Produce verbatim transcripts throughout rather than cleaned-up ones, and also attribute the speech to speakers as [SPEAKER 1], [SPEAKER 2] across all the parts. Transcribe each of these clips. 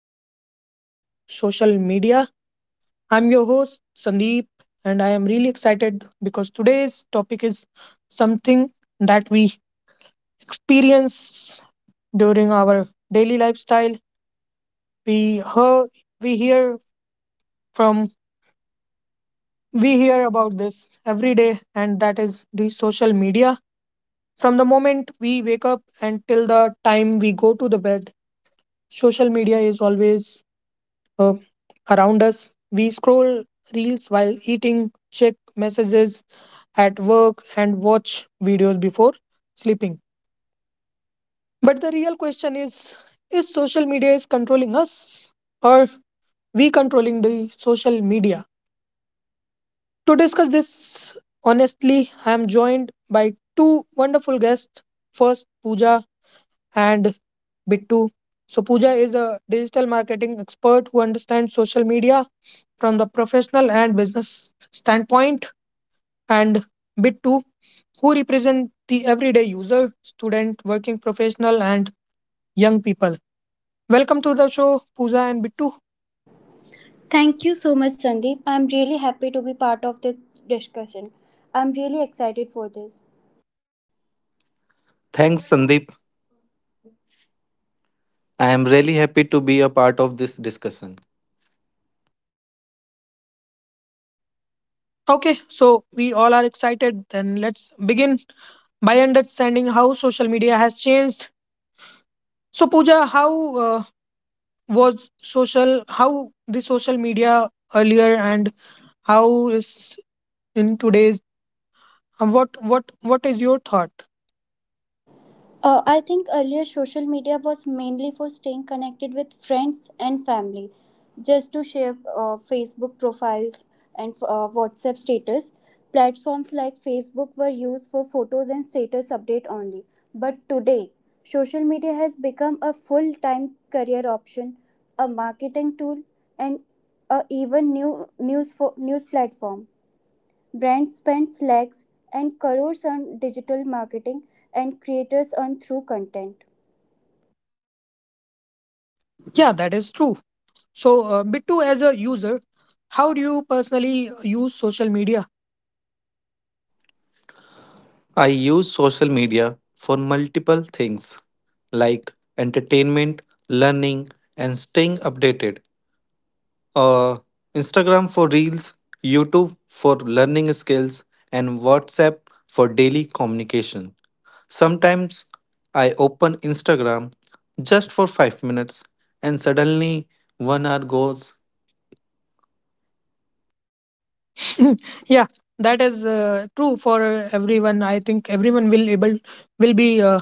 [SPEAKER 1] Power of Social Media. I'm your host Sandeep, and I am really excited because today's topic is something that we experience during our daily lifestyle. We hear, we hear from, we hear about this every day, and that is the social media. From the moment we wake up until the time we go to the bed, social media is always uh, around us. We scroll reels while eating, check messages at work, and watch videos before sleeping. But the real question is is social media is controlling us or we controlling the social media? To discuss this honestly, I am joined by two wonderful guests. First, Pooja and Bittu. So Pooja is a digital marketing expert who understands social media from the professional and business standpoint. And bit two, who represent the everyday user, student, working professional, and young people. Welcome to the show, Pooja and Bittu.
[SPEAKER 2] Thank you so much, Sandeep. I'm really happy to be part of this discussion. I'm really excited for this.
[SPEAKER 3] Thanks, Sandeep. I am really happy to be a part of this discussion.
[SPEAKER 1] Okay, so we all are excited. Then let's begin by understanding how social media has changed. So, Pooja, how uh, was social? How the social media earlier and how is in today's? uh, What what what is your thought?
[SPEAKER 2] Uh, I think earlier social media was mainly for staying connected with friends and family, just to share uh, Facebook profiles and uh, WhatsApp status. Platforms like Facebook were used for photos and status update only. But today, social media has become a full time career option, a marketing tool, and a even new news, for, news platform. Brands spend lakhs and crores on digital marketing and creators on through content.
[SPEAKER 1] Yeah, that is true. So, uh, Bittu, as a user, how do you personally uh, use social media?
[SPEAKER 3] I use social media for multiple things like entertainment, learning, and staying updated. Uh, Instagram for reels, YouTube for learning skills, and WhatsApp for daily communication. Sometimes I open Instagram just for five minutes and suddenly one hour goes.
[SPEAKER 1] Yeah, that is uh, true for uh, everyone. I think everyone will able will be uh,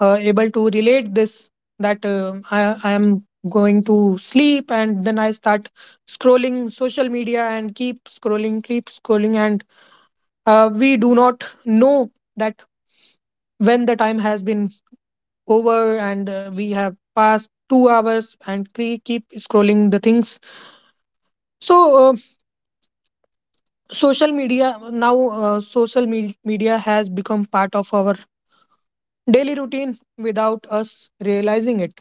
[SPEAKER 1] uh, able to relate this that uh, I, I am going to sleep and then I start scrolling social media and keep scrolling, keep scrolling, and uh, we do not know that when the time has been over and uh, we have passed two hours and we keep scrolling the things. So, uh, social media now, uh, social me- media has become part of our daily routine without us realizing it.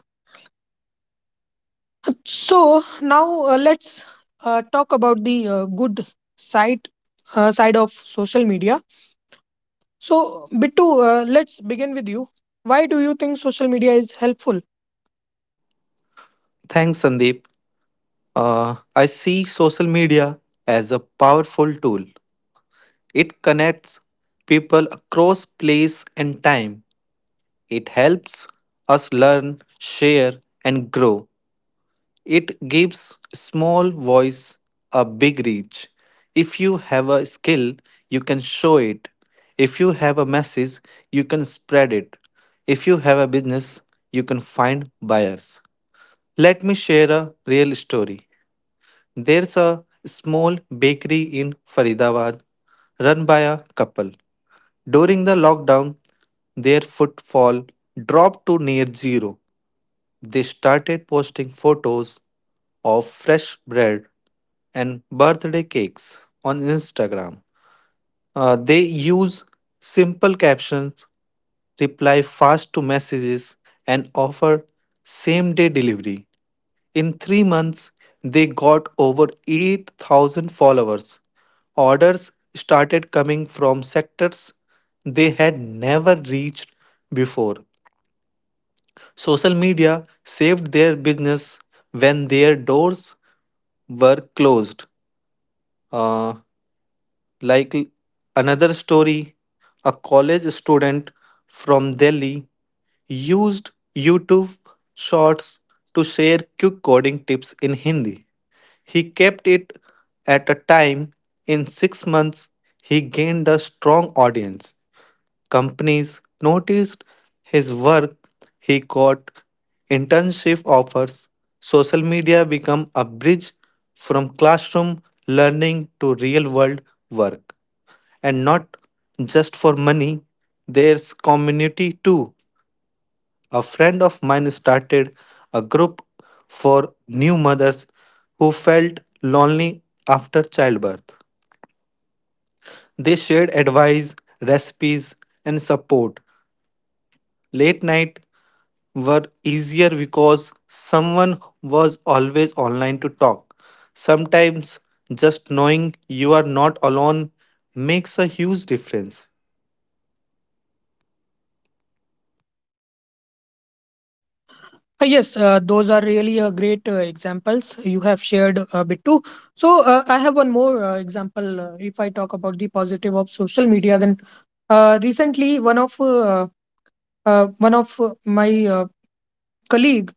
[SPEAKER 1] So, now uh, let's uh, talk about the uh, good side uh, side of social media. So, Bittu, uh, let's begin with you. Why do you think social media is helpful?
[SPEAKER 3] Thanks, Sandeep. Uh, I see social media as a powerful tool. It connects people across place and time. It helps us learn, share, and grow. It gives small voice a big reach. If you have a skill, you can show it. If you have a message, you can spread it. If you have a business, you can find buyers. Let me share a real story. There's a small bakery in Faridabad run by a couple. During the lockdown, their footfall dropped to near zero. They started posting photos of fresh bread and birthday cakes on Instagram. Uh, they use simple captions, reply fast to messages, and offer same day delivery. In three months, they got over eight thousand followers. Orders started coming from sectors they had never reached before. Social media saved their business when their doors were closed. Uh, like another story, a college student from Delhi used YouTube shorts to share quick coding tips in Hindi. He kept it at a time. In six months, he gained a strong audience. Companies noticed his work, he got internship offers. Social media became a bridge from classroom learning to real world work. And not just for money, there's community too. A friend of mine started a group for new mothers who felt lonely after childbirth. They shared advice, recipes, and support. Late night were easier because someone was always online to talk. Sometimes just knowing you are not alone makes a huge difference.
[SPEAKER 1] Uh, yes, uh, those are really uh, great uh, examples you have shared, uh, Bittu. So, uh, I have one more uh, example. Uh, if I talk about the positive of social media, then Uh, recently, one of uh, uh, one of uh, my uh, colleague,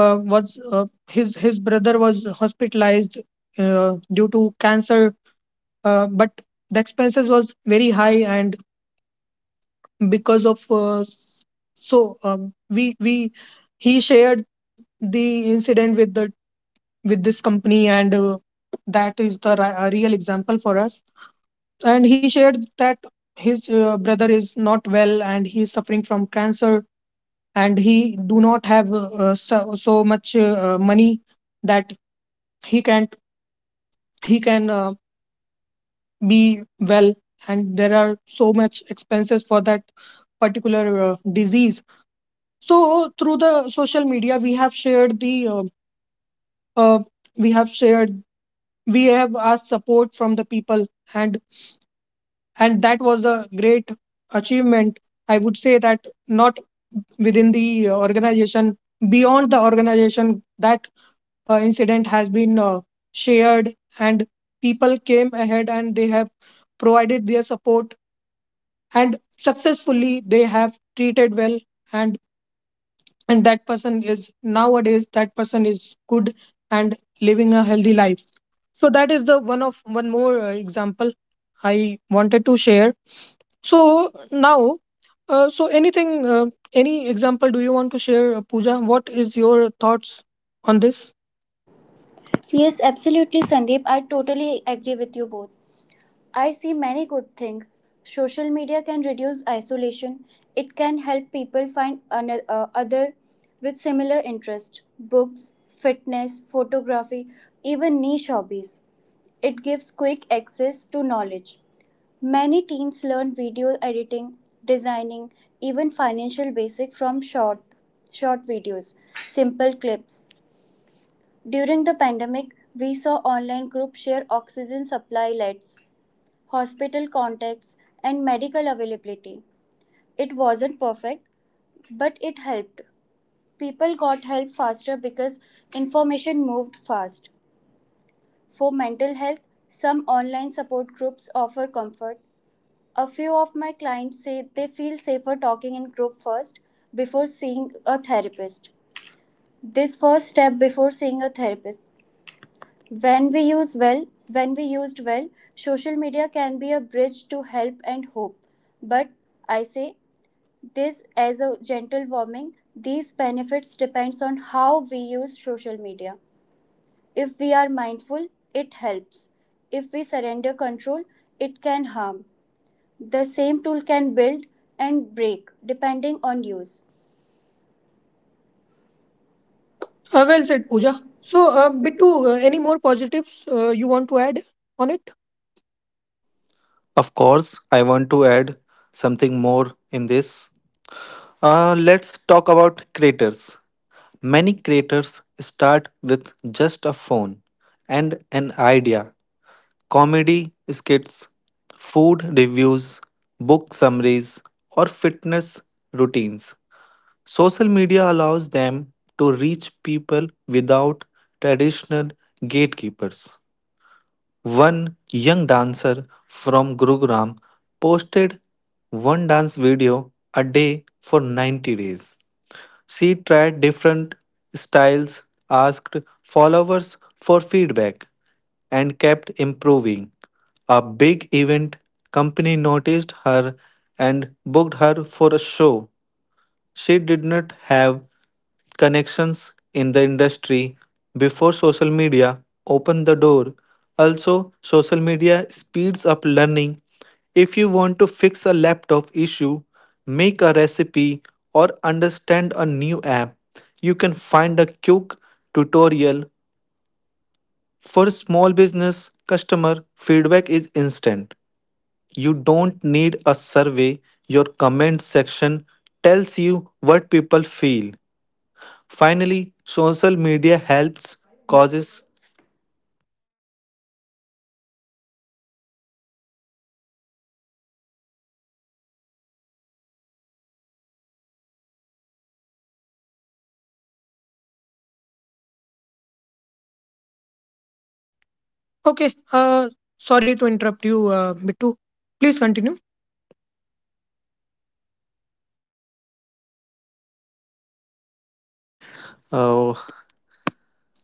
[SPEAKER 1] uh, was uh, his his brother was hospitalized uh, due to cancer, uh, but the expenses was very high, and because of uh, so um, we we he shared the incident with the with this company, and uh, that is the ri- a real example for us. And he shared that his uh, brother is not well, and he is suffering from cancer and he do not have uh, so, so much uh, money that he can he can uh, be well and there are so much expenses for that particular uh, disease. So through the social media, we have shared the uh, uh, we have shared, we have asked support from the people, and and that was the great achievement. I would say that not within the uh, organization, beyond the organization, that uh, incident has been uh, shared, and people came ahead and they have provided their support, and successfully they have treated well. and and that person is nowadays that person is good and living a healthy life. So that is the one of one more uh, example I wanted to share. So now uh, so anything uh, any example do you want to share, uh, Pooja? What is your thoughts on this?
[SPEAKER 2] Yes, absolutely, Sandeep. I totally agree with you both. I see many good things. Social media can reduce isolation. It can help people find another uh, other with similar interest. Books, fitness, photography, even niche hobbies. It gives quick access to knowledge. Many teens learn video editing, designing, even financial basics from short short videos, simple clips. During the pandemic, we saw online groups share oxygen supply lists, hospital contacts, and medical availability. It wasn't perfect, but it helped. People got help faster because information moved fast. For mental health, some online support groups offer comfort, a few of my clients say they feel safer talking in group first before seeing a therapist. This first step before seeing a therapist, when we use well, when we used well, social media can be a bridge to help and hope. But I say this as a gentle warning, these benefits depends on how we use social media. If we are mindful, it helps. If we surrender control, it can harm. The same tool can build and break depending on use. Uh,
[SPEAKER 1] Uh,
[SPEAKER 2] well
[SPEAKER 1] well
[SPEAKER 2] said,
[SPEAKER 1] said, Pooja.
[SPEAKER 2] Pooja.
[SPEAKER 1] So,
[SPEAKER 2] So,
[SPEAKER 1] uh,
[SPEAKER 2] uh, Bittu,
[SPEAKER 1] Bittu,
[SPEAKER 2] uh,
[SPEAKER 1] uh,
[SPEAKER 2] any
[SPEAKER 1] any
[SPEAKER 2] more?
[SPEAKER 1] more positives uh, you want to add on it?
[SPEAKER 3] Of course, I want to add something more in this. Uh, let's talk about creators. Many creators start with just a phone and an idea. Comedy skits, food reviews, book summaries, or fitness routines. Social media allows them to reach people without traditional gatekeepers. One young dancer from Gurugram posted one dance video a day for ninety days. She tried different styles, asked followers for feedback, and kept improving. A big event company noticed her and booked her for a show. She did not have connections in the industry before social media opened the door. Also, social media speeds up learning. If you want to fix a laptop issue, make a recipe, or understand a new app, you can find a quick tutorial. For small business customer, feedback is instant. You don't need a survey. Your comment section tells you what people feel. Finally, social media helps causes.
[SPEAKER 1] Okay. Uh, sorry to interrupt you, uh, Bittu. Please continue.
[SPEAKER 3] Uh,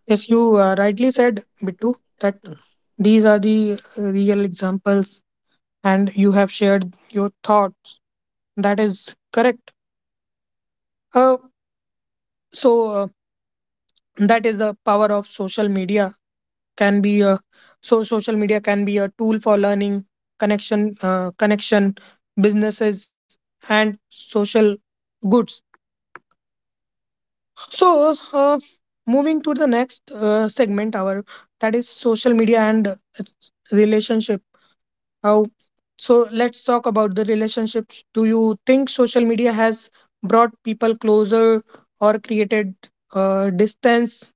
[SPEAKER 1] Yes, you uh, rightly
[SPEAKER 3] unmute
[SPEAKER 1] said, Bittu, that
[SPEAKER 3] क्यों-
[SPEAKER 1] these are
[SPEAKER 3] नहीं
[SPEAKER 1] the uh, real examples, and you have shared your thoughts. That is correct. Uh, so uh, that is the power of social media. Can be a so social media can be a tool for learning, connection uh, connection, businesses, and social goods. So uh, moving to the next uh, segment, our that is social media and its relationship. How, so let's talk about the relationships. Do you think social media has brought people closer or created uh, distance?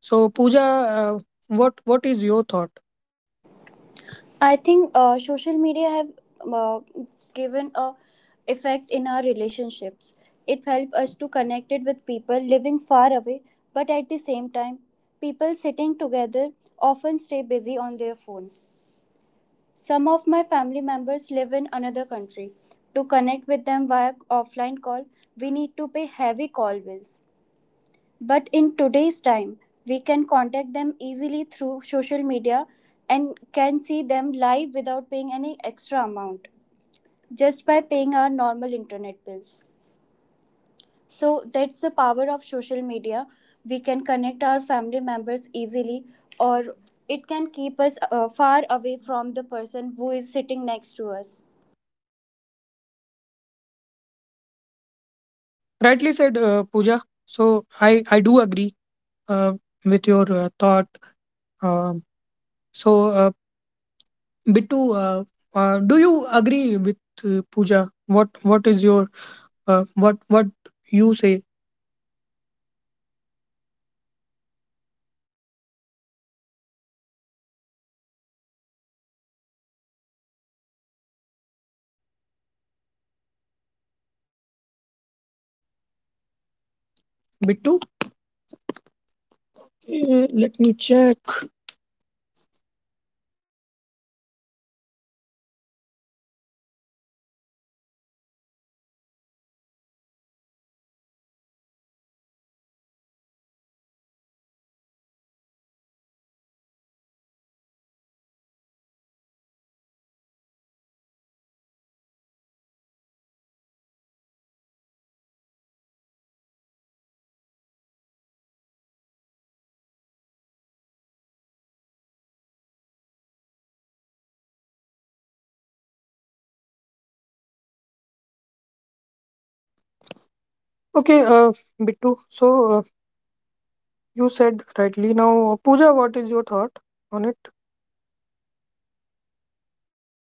[SPEAKER 1] So Pooja, uh, what what is your thought?
[SPEAKER 2] I think uh, social media have uh, given a effect in our relationships. It helps us to connect it with people living far away, but at the same time, people sitting together often stay busy on their phone. Some of my family members live in another country. To connect with them via offline call, we need to pay heavy call bills. But in today's time, we can contact them easily through social media and can see them live without paying any extra amount just by paying our normal internet bills. So that's the power of social media. We can connect our family members easily, or it can keep us uh, far away from the person who is sitting next to us.
[SPEAKER 1] Rightly said, uh, Pooja. So I I do agree uh, with your uh, thought. Um, so uh, Bittu, uh, uh, do you agree with uh, Pooja? What what is your uh, what what you say,
[SPEAKER 3] होगा? Unmute नहीं हो
[SPEAKER 1] Bittu?
[SPEAKER 3] रहा
[SPEAKER 1] Uh, let me
[SPEAKER 3] है
[SPEAKER 1] check.
[SPEAKER 3] ये stop क्यों है timing में stop है नहीं यार वो सब चीज तो चल ही रहा है हाँ मुझे नेटवर्क इश्यू लग रहा है क्या
[SPEAKER 1] Okay, uh, Bittu. So uh,
[SPEAKER 3] है?
[SPEAKER 1] you
[SPEAKER 3] Who said
[SPEAKER 1] said
[SPEAKER 3] that, you
[SPEAKER 1] rightly now,
[SPEAKER 3] know, who's
[SPEAKER 1] Pooja.
[SPEAKER 3] your
[SPEAKER 1] What
[SPEAKER 3] working
[SPEAKER 1] is your
[SPEAKER 3] group
[SPEAKER 1] thought on
[SPEAKER 3] it?
[SPEAKER 1] it?
[SPEAKER 3] Or you-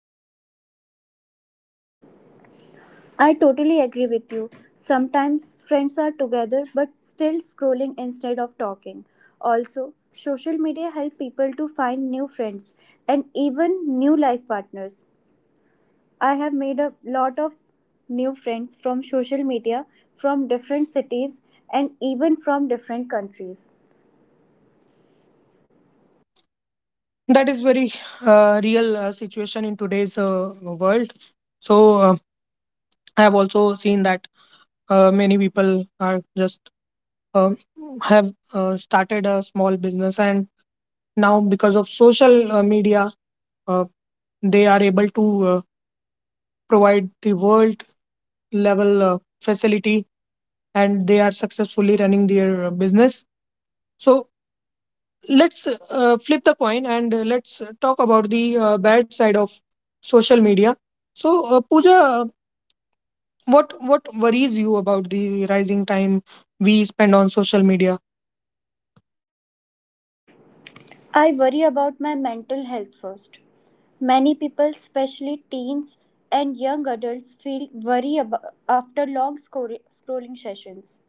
[SPEAKER 2] I
[SPEAKER 3] I
[SPEAKER 2] totally
[SPEAKER 3] totally
[SPEAKER 2] agree
[SPEAKER 3] agree
[SPEAKER 2] with
[SPEAKER 3] with you.
[SPEAKER 2] you. Sometimes
[SPEAKER 3] Sometimes
[SPEAKER 2] friends
[SPEAKER 3] friends
[SPEAKER 2] are
[SPEAKER 3] are together
[SPEAKER 2] together
[SPEAKER 3] but
[SPEAKER 2] but
[SPEAKER 3] still
[SPEAKER 2] still scrolling
[SPEAKER 3] scrolling instead
[SPEAKER 2] instead
[SPEAKER 3] of
[SPEAKER 2] of
[SPEAKER 3] talking.
[SPEAKER 2] talking.
[SPEAKER 3] Also,
[SPEAKER 2] Also,
[SPEAKER 3] social
[SPEAKER 2] social
[SPEAKER 3] media
[SPEAKER 2] media
[SPEAKER 3] helps
[SPEAKER 2] help
[SPEAKER 3] people
[SPEAKER 2] people to
[SPEAKER 3] to
[SPEAKER 2] find
[SPEAKER 3] find
[SPEAKER 2] new
[SPEAKER 3] new friends
[SPEAKER 2] friends and
[SPEAKER 3] and even
[SPEAKER 2] even new
[SPEAKER 3] new life
[SPEAKER 2] life
[SPEAKER 3] partners.
[SPEAKER 2] partners.
[SPEAKER 3] I
[SPEAKER 2] I have
[SPEAKER 3] have made
[SPEAKER 2] made a
[SPEAKER 3] a lot
[SPEAKER 2] lot
[SPEAKER 3] of
[SPEAKER 2] of
[SPEAKER 3] new
[SPEAKER 2] new
[SPEAKER 3] friends
[SPEAKER 2] friends from
[SPEAKER 3] from social
[SPEAKER 2] social
[SPEAKER 3] media,
[SPEAKER 2] media
[SPEAKER 3] from
[SPEAKER 2] from different
[SPEAKER 3] different cities,
[SPEAKER 2] cities and
[SPEAKER 3] and
[SPEAKER 2] even
[SPEAKER 3] even from
[SPEAKER 2] from
[SPEAKER 3] different
[SPEAKER 2] different
[SPEAKER 3] countries.
[SPEAKER 2] countries.
[SPEAKER 3] That
[SPEAKER 1] That
[SPEAKER 3] is
[SPEAKER 1] is very
[SPEAKER 3] very uh,
[SPEAKER 1] uh, real
[SPEAKER 3] real uh,
[SPEAKER 1] uh, situation
[SPEAKER 3] situation
[SPEAKER 1] in
[SPEAKER 3] today's
[SPEAKER 1] today's
[SPEAKER 3] uh,
[SPEAKER 1] uh,
[SPEAKER 3] world.
[SPEAKER 1] world.
[SPEAKER 3] So,
[SPEAKER 1] So uh,
[SPEAKER 3] um,
[SPEAKER 1] I have
[SPEAKER 3] I've
[SPEAKER 1] also
[SPEAKER 3] also seen
[SPEAKER 1] seen
[SPEAKER 3] that
[SPEAKER 1] that
[SPEAKER 3] uh,
[SPEAKER 1] uh,
[SPEAKER 3] many
[SPEAKER 1] many
[SPEAKER 3] people
[SPEAKER 1] people
[SPEAKER 3] are
[SPEAKER 1] are
[SPEAKER 3] just
[SPEAKER 1] just
[SPEAKER 3] uh,
[SPEAKER 1] um,
[SPEAKER 3] have
[SPEAKER 1] have
[SPEAKER 3] uh,
[SPEAKER 1] uh,
[SPEAKER 3] started
[SPEAKER 1] started
[SPEAKER 3] a
[SPEAKER 1] a
[SPEAKER 3] small
[SPEAKER 1] small
[SPEAKER 3] business,
[SPEAKER 1] business,
[SPEAKER 3] and
[SPEAKER 1] and now
[SPEAKER 3] now
[SPEAKER 1] because
[SPEAKER 3] because
[SPEAKER 1] of
[SPEAKER 3] of social
[SPEAKER 1] social uh,
[SPEAKER 3] uh, media,
[SPEAKER 1] media,
[SPEAKER 3] uh,
[SPEAKER 1] uh,
[SPEAKER 3] they
[SPEAKER 1] they
[SPEAKER 3] are
[SPEAKER 1] are
[SPEAKER 3] able
[SPEAKER 1] able to
[SPEAKER 3] to uh,
[SPEAKER 1] uh, provide
[SPEAKER 3] provide
[SPEAKER 1] the
[SPEAKER 3] these.
[SPEAKER 1] world level uh, facility, and they are successfully running their uh, business. So let's uh, flip the coin and uh, let's talk about the uh, bad side of social media. So uh, Pooja, uh, what what worries you about the rising time we spend on social media?
[SPEAKER 2] I worry about my mental health first. Many people, especially teens and young adults, feel worry about after long scor- scrolling sessions.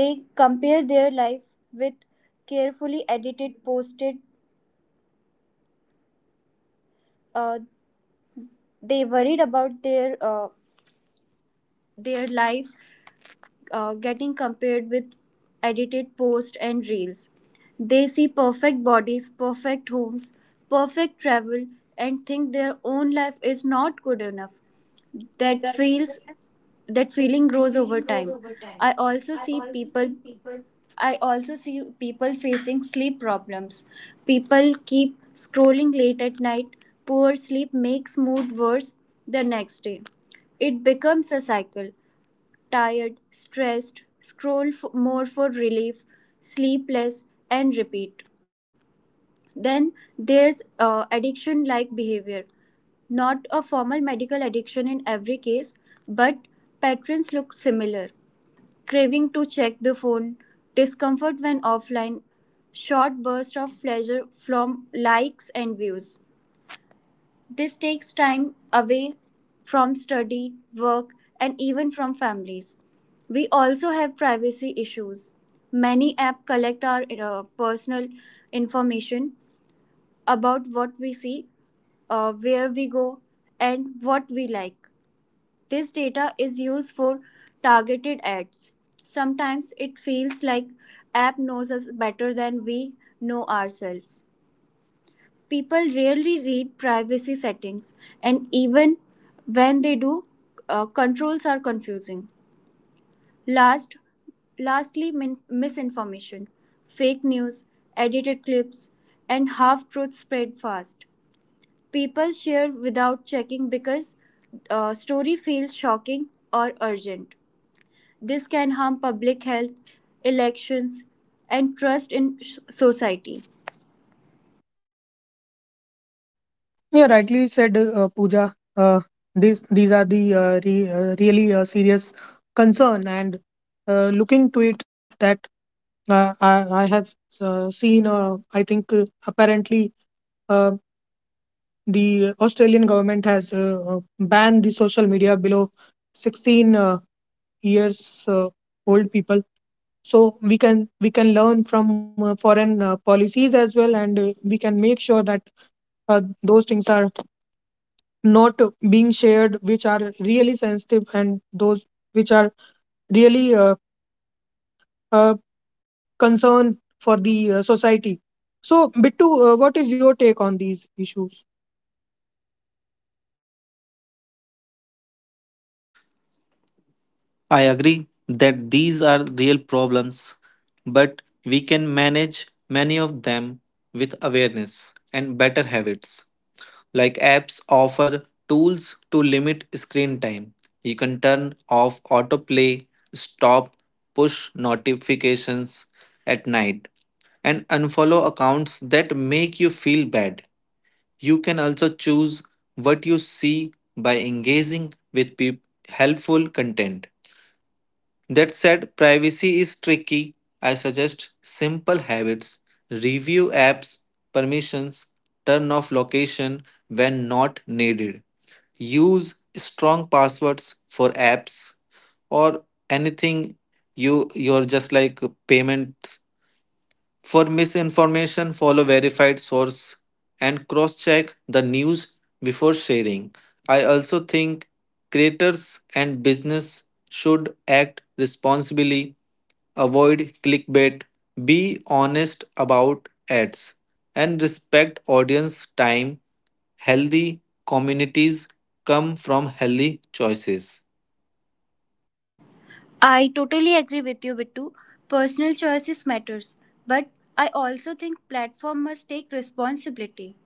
[SPEAKER 2] They compare their life with carefully edited posted. Uh, they worried about their uh, their life uh, getting compared with edited posts and reels. They see perfect bodies, perfect homes, perfect travel, and think their own life is not good enough. That feels that feeling grows over time. I also see people I also see people facing sleep problems. People keep scrolling late at night. Poor sleep makes mood worse the next day. It becomes a cycle. Tired, stressed, scroll f- more for relief, sleepless, and repeat. Then there's uh, addiction like behavior, not a formal medical addiction in every case, but patterns look similar. Craving to check the phone, discomfort when offline, short bursts of pleasure from likes and views. This takes time away from study, work, and even from families. We also have privacy issues. Many apps collect our uh, personal information about what we see, uh, where we go, and what we like. This data is used for targeted ads. Sometimes it feels like app knows us better than we know ourselves. People rarely read privacy settings and even when they do, uh, controls are confusing. Last, lastly min- misinformation, fake news, edited clips and half truths spread fast. People share without checking because a story feels shocking or urgent. This can harm public health, elections, and trust in s- society.
[SPEAKER 1] Yeah, rightly said, uh, Pooja. Uh, these these are the uh, re, uh, really uh, serious concern, and uh, looking to it, that uh, I, I have uh, seen. Uh, I think uh, apparently uh, the Australian government has uh, uh, banned the social media below sixteen uh, years uh, old people. So we can we can learn from uh, foreign uh, policies as well, and uh, we can make sure that uh, those things are not being shared which are really sensitive and those which are really uh, uh, concern for the uh, society. So Bittu, uh, what is your take on these issues?
[SPEAKER 3] I agree that these are real problems, but we can manage many of them with awareness and better habits. Like apps offer tools to limit screen time. You can turn off autoplay, stop push notifications at night, and unfollow accounts that make you feel bad. You can also choose what you see by engaging with peop- helpful content. That said, privacy is tricky. I suggest simple habits: review apps, permissions, turn off location when not needed, use strong passwords for apps or anything you you're just like payments. For misinformation, follow verified source and cross check the news before sharing. I also think creators and business should act responsibly. Avoid clickbait, be honest about ads, and respect audience time. Healthy communities come from healthy choices.
[SPEAKER 2] I totally agree with you, Bittu. Personal choices matters, but I also think platform must take responsibility.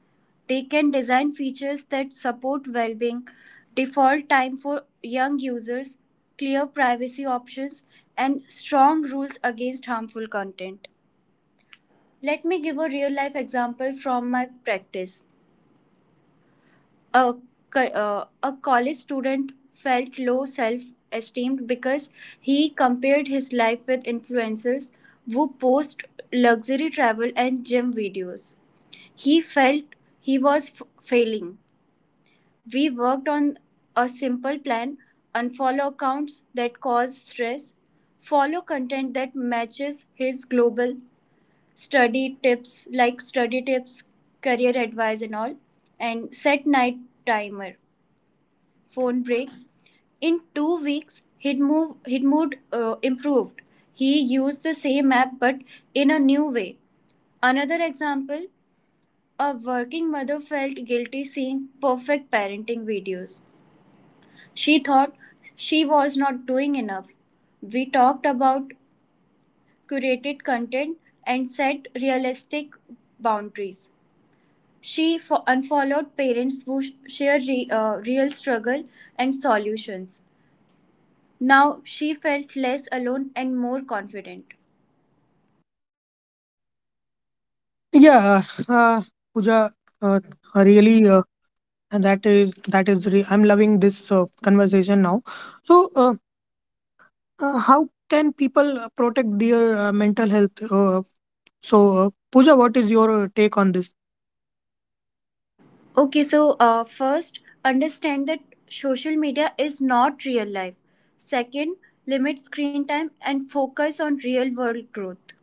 [SPEAKER 2] They can design features that support well-being, default time for young users, clear privacy options, and strong rules against harmful content. Let me give a real-life example from my practice. a, co- uh, a college student felt low self esteem because he compared his life with influencers who post luxury travel and gym videos. He felt he was f- failing. We worked on a simple plan, unfollow accounts that cause stress, follow content that matches his global study tips like study tips, career advice, and all, and set night timer phone breaks. In two weeks, he'd, move, he'd mood uh, improved. He used the same app but in a new way. Another example, a working mother felt guilty seeing perfect parenting videos. She thought she was not doing enough. We talked about curated content and set realistic boundaries. She fo- unfollowed parents who sh- share re- uh, real struggle and solutions. Now she felt less alone and more confident.
[SPEAKER 1] Yeah, uh, puja uh, really uh, and that is that is re- I'm loving this uh, conversation now. So uh, uh, how can people uh, protect their uh, mental health? Uh, so uh, puja what is your uh, take on this?
[SPEAKER 2] Okay, so uh, first, understand that social media is not real life. Second, limit screen time and focus on real world growth.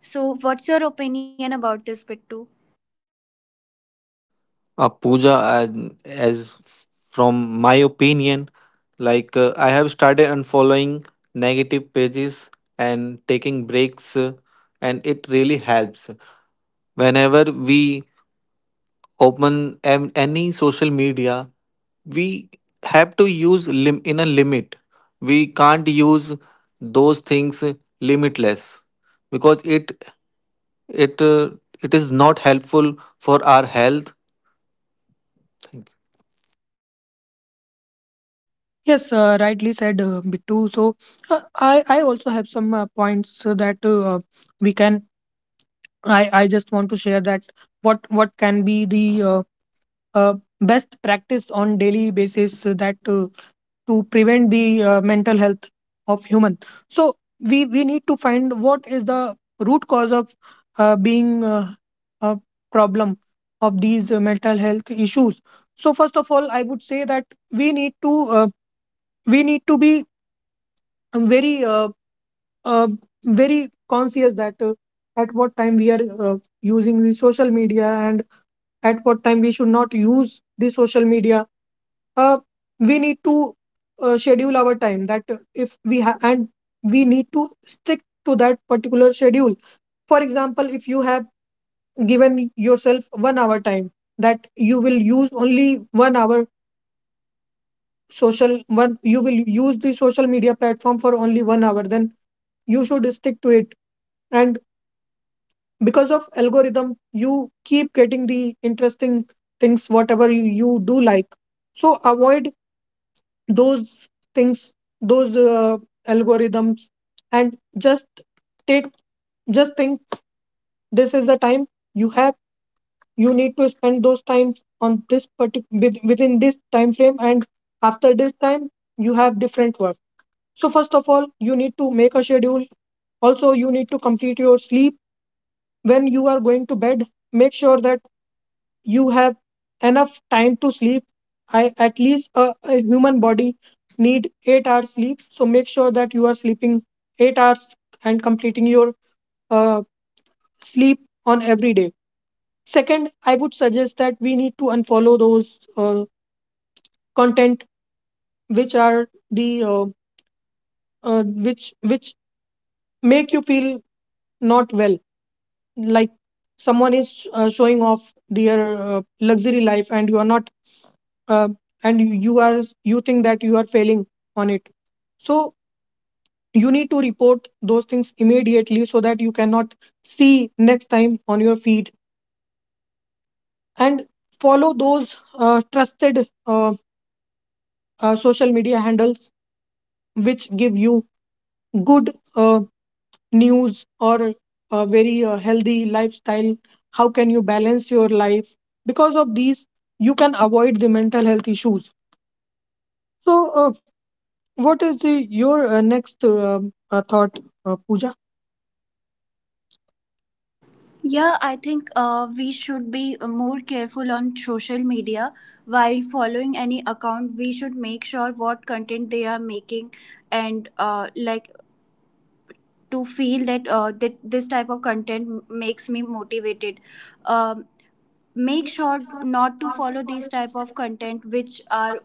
[SPEAKER 2] So, what's your opinion about this, Bittu?
[SPEAKER 3] uh, Puja, and as f- from my opinion, like uh, I have started unfollowing negative pages and taking breaks, uh, and it really helps. Whenever we open am- any social media, we have to use lim- in a limit. We can't use those things limitless, because it it uh, it is not helpful for our health. Thank
[SPEAKER 1] Yes, uh, rightly said, uh, Bittu. So uh, I I also have some uh, points uh, that uh, we can. I I just want to share that what what can be the uh, uh, best practice on daily basis uh, that uh, to prevent the uh, mental health of human. So we we need to find what is the root cause of uh, being uh, a problem of these uh, mental health issues. So first of all, I would say that we need to uh, we need to be, I'm very uh, uh, very conscious that uh, at what time we are uh, using the social media and at what time we should not use the social media. uh, we need to uh, schedule our time that uh, if we have, and we need to stick to that particular schedule. For example, if you have given yourself one hour time, that you will use only one hour, social one you will use the social media platform for only one hour, then you should stick to it. And because of algorithm, you keep getting the interesting things whatever you, you do like. So avoid those things, those uh, algorithms, and just take just think this is the time you have you need to spend those times on this particular within this time frame, and after this time you have different work. So first of all, you need to make a schedule. Also, you need to complete your sleep. When you are going to bed, make sure that you have enough time to sleep. I, at least a, a human body need eight hours sleep, so make sure that you are sleeping eight hours and completing your uh, sleep on every day. Second, I would suggest that we need to unfollow those uh, content which are the uh, uh, which which make you feel not well, like someone is uh, showing off their uh, luxury life, and you are not uh, and you you are, you think that you are failing on it. So you need to report those things immediately so that you cannot see next time on your feed, and follow those uh, trusted uh, uh, social media handles which give you good uh, news or a very uh, healthy lifestyle, how can you balance your life. Because of these, you can avoid the mental health issues. So uh, what is the, your uh, next um uh, thought, uh, Pooja?
[SPEAKER 2] Yeah, I think uh, we should be more careful on social media while following any account. We should make sure what content they are making and uh, like to feel that uh, that this type of content m- makes me motivated. um, Make sure not to follow these type of content which are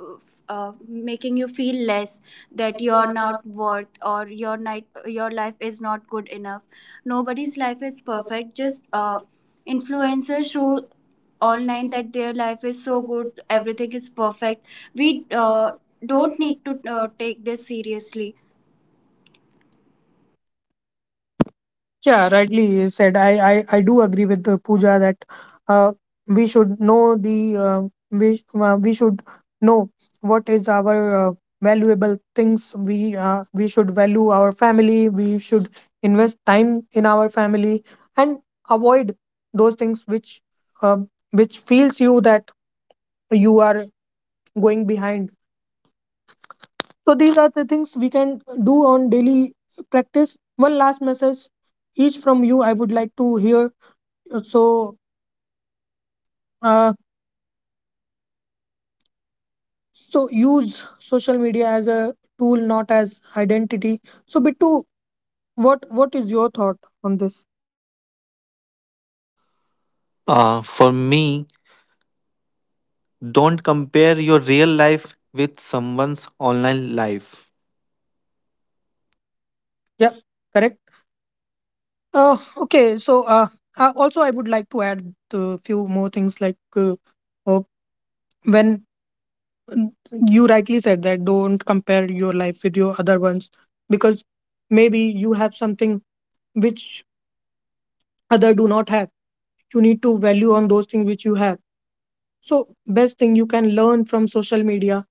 [SPEAKER 2] uh, making you feel less, that you're not worth or your night your life is not good enough. Nobody's life is perfect, just uh, influencers show online that their life is so good, everything is perfect. We uh, don't need to uh, take this seriously.
[SPEAKER 1] Yeah, rightly said. I, I, I do agree with uh, Pooja that uh, we should know the uh, we, sh- uh, we should know what is our uh, valuable things. We uh, we should value our family. We should invest time in our family and avoid those things which uh, which feels you that you are going behind. So these are the things we can do on daily practice. One last message each from you I would like to hear. So uh, so use social media as a tool, not as identity. So Bittu, what what is your thought on this?
[SPEAKER 3] you. Uh, for me, don't compare your real life with someone's online life.
[SPEAKER 1] Yeah, correct. Uh, okay, so uh, uh, also I would like to add a few more things like uh, uh, when mm, you rightly said that don't compare your life with your other ones, because maybe you have something which other do not have. You need to value on those things which you have. So best thing you can learn from social media,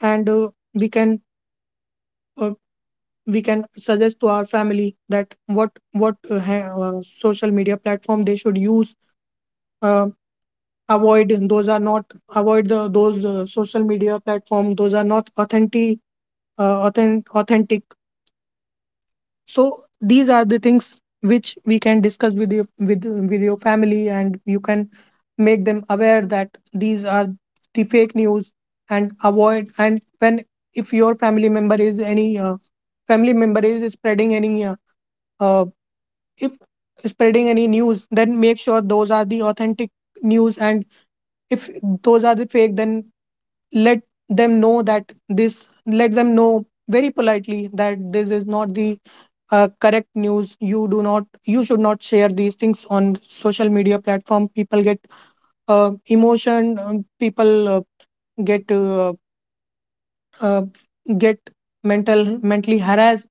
[SPEAKER 1] and uh, we can uh, we can suggest to our family that what what uh, ha- uh, social media platform they should use. Uh, avoid those are not Avoid the, those uh, social media platform those are not authentic, uh, authen- authentic. So these are the things which we can discuss with your with with your family, and you can make them aware that these are the fake news and avoid. And when if your family member is any uh, family member is spreading any uh, uh, if spreading any news, then make sure those are the authentic news, and if those are the fake, then let them know, that this let them know very politely that this is not the uh, correct news. You do not you should not share these things on social media platform. People get uh, emotion um, people uh, get uh, uh, get mental mentally harassed.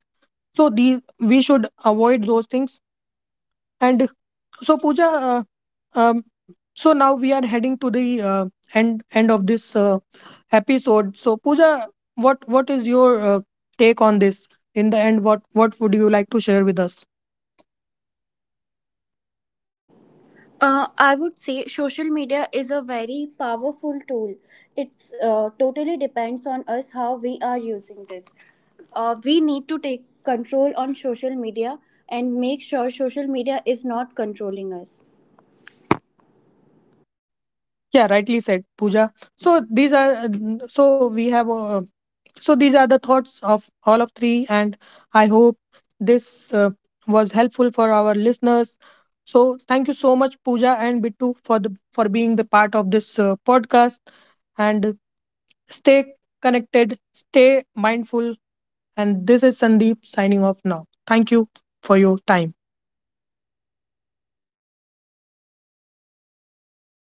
[SPEAKER 1] So these we should avoid those things. And so Pooja, uh, um, so now we are heading to the uh, end end of this uh, episode. So Pooja, what what is your uh, take on this? In the end, what what would you like to share with us.
[SPEAKER 2] Uh, I would say social media is a very powerful tool. It's uh, totally depends on us how we are using this. Uh, we need to take control on social media and make sure social media is not controlling us.
[SPEAKER 1] Yeah, rightly said, Pooja. So these are, so we have uh, so these are the thoughts of all of three, and I hope this uh, was helpful for our listeners. So thank you so much, Pooja and Bittu, for the for being the part of this uh, podcast. And stay connected, stay mindful. And this is Sandeep signing off now. Thank you for your time.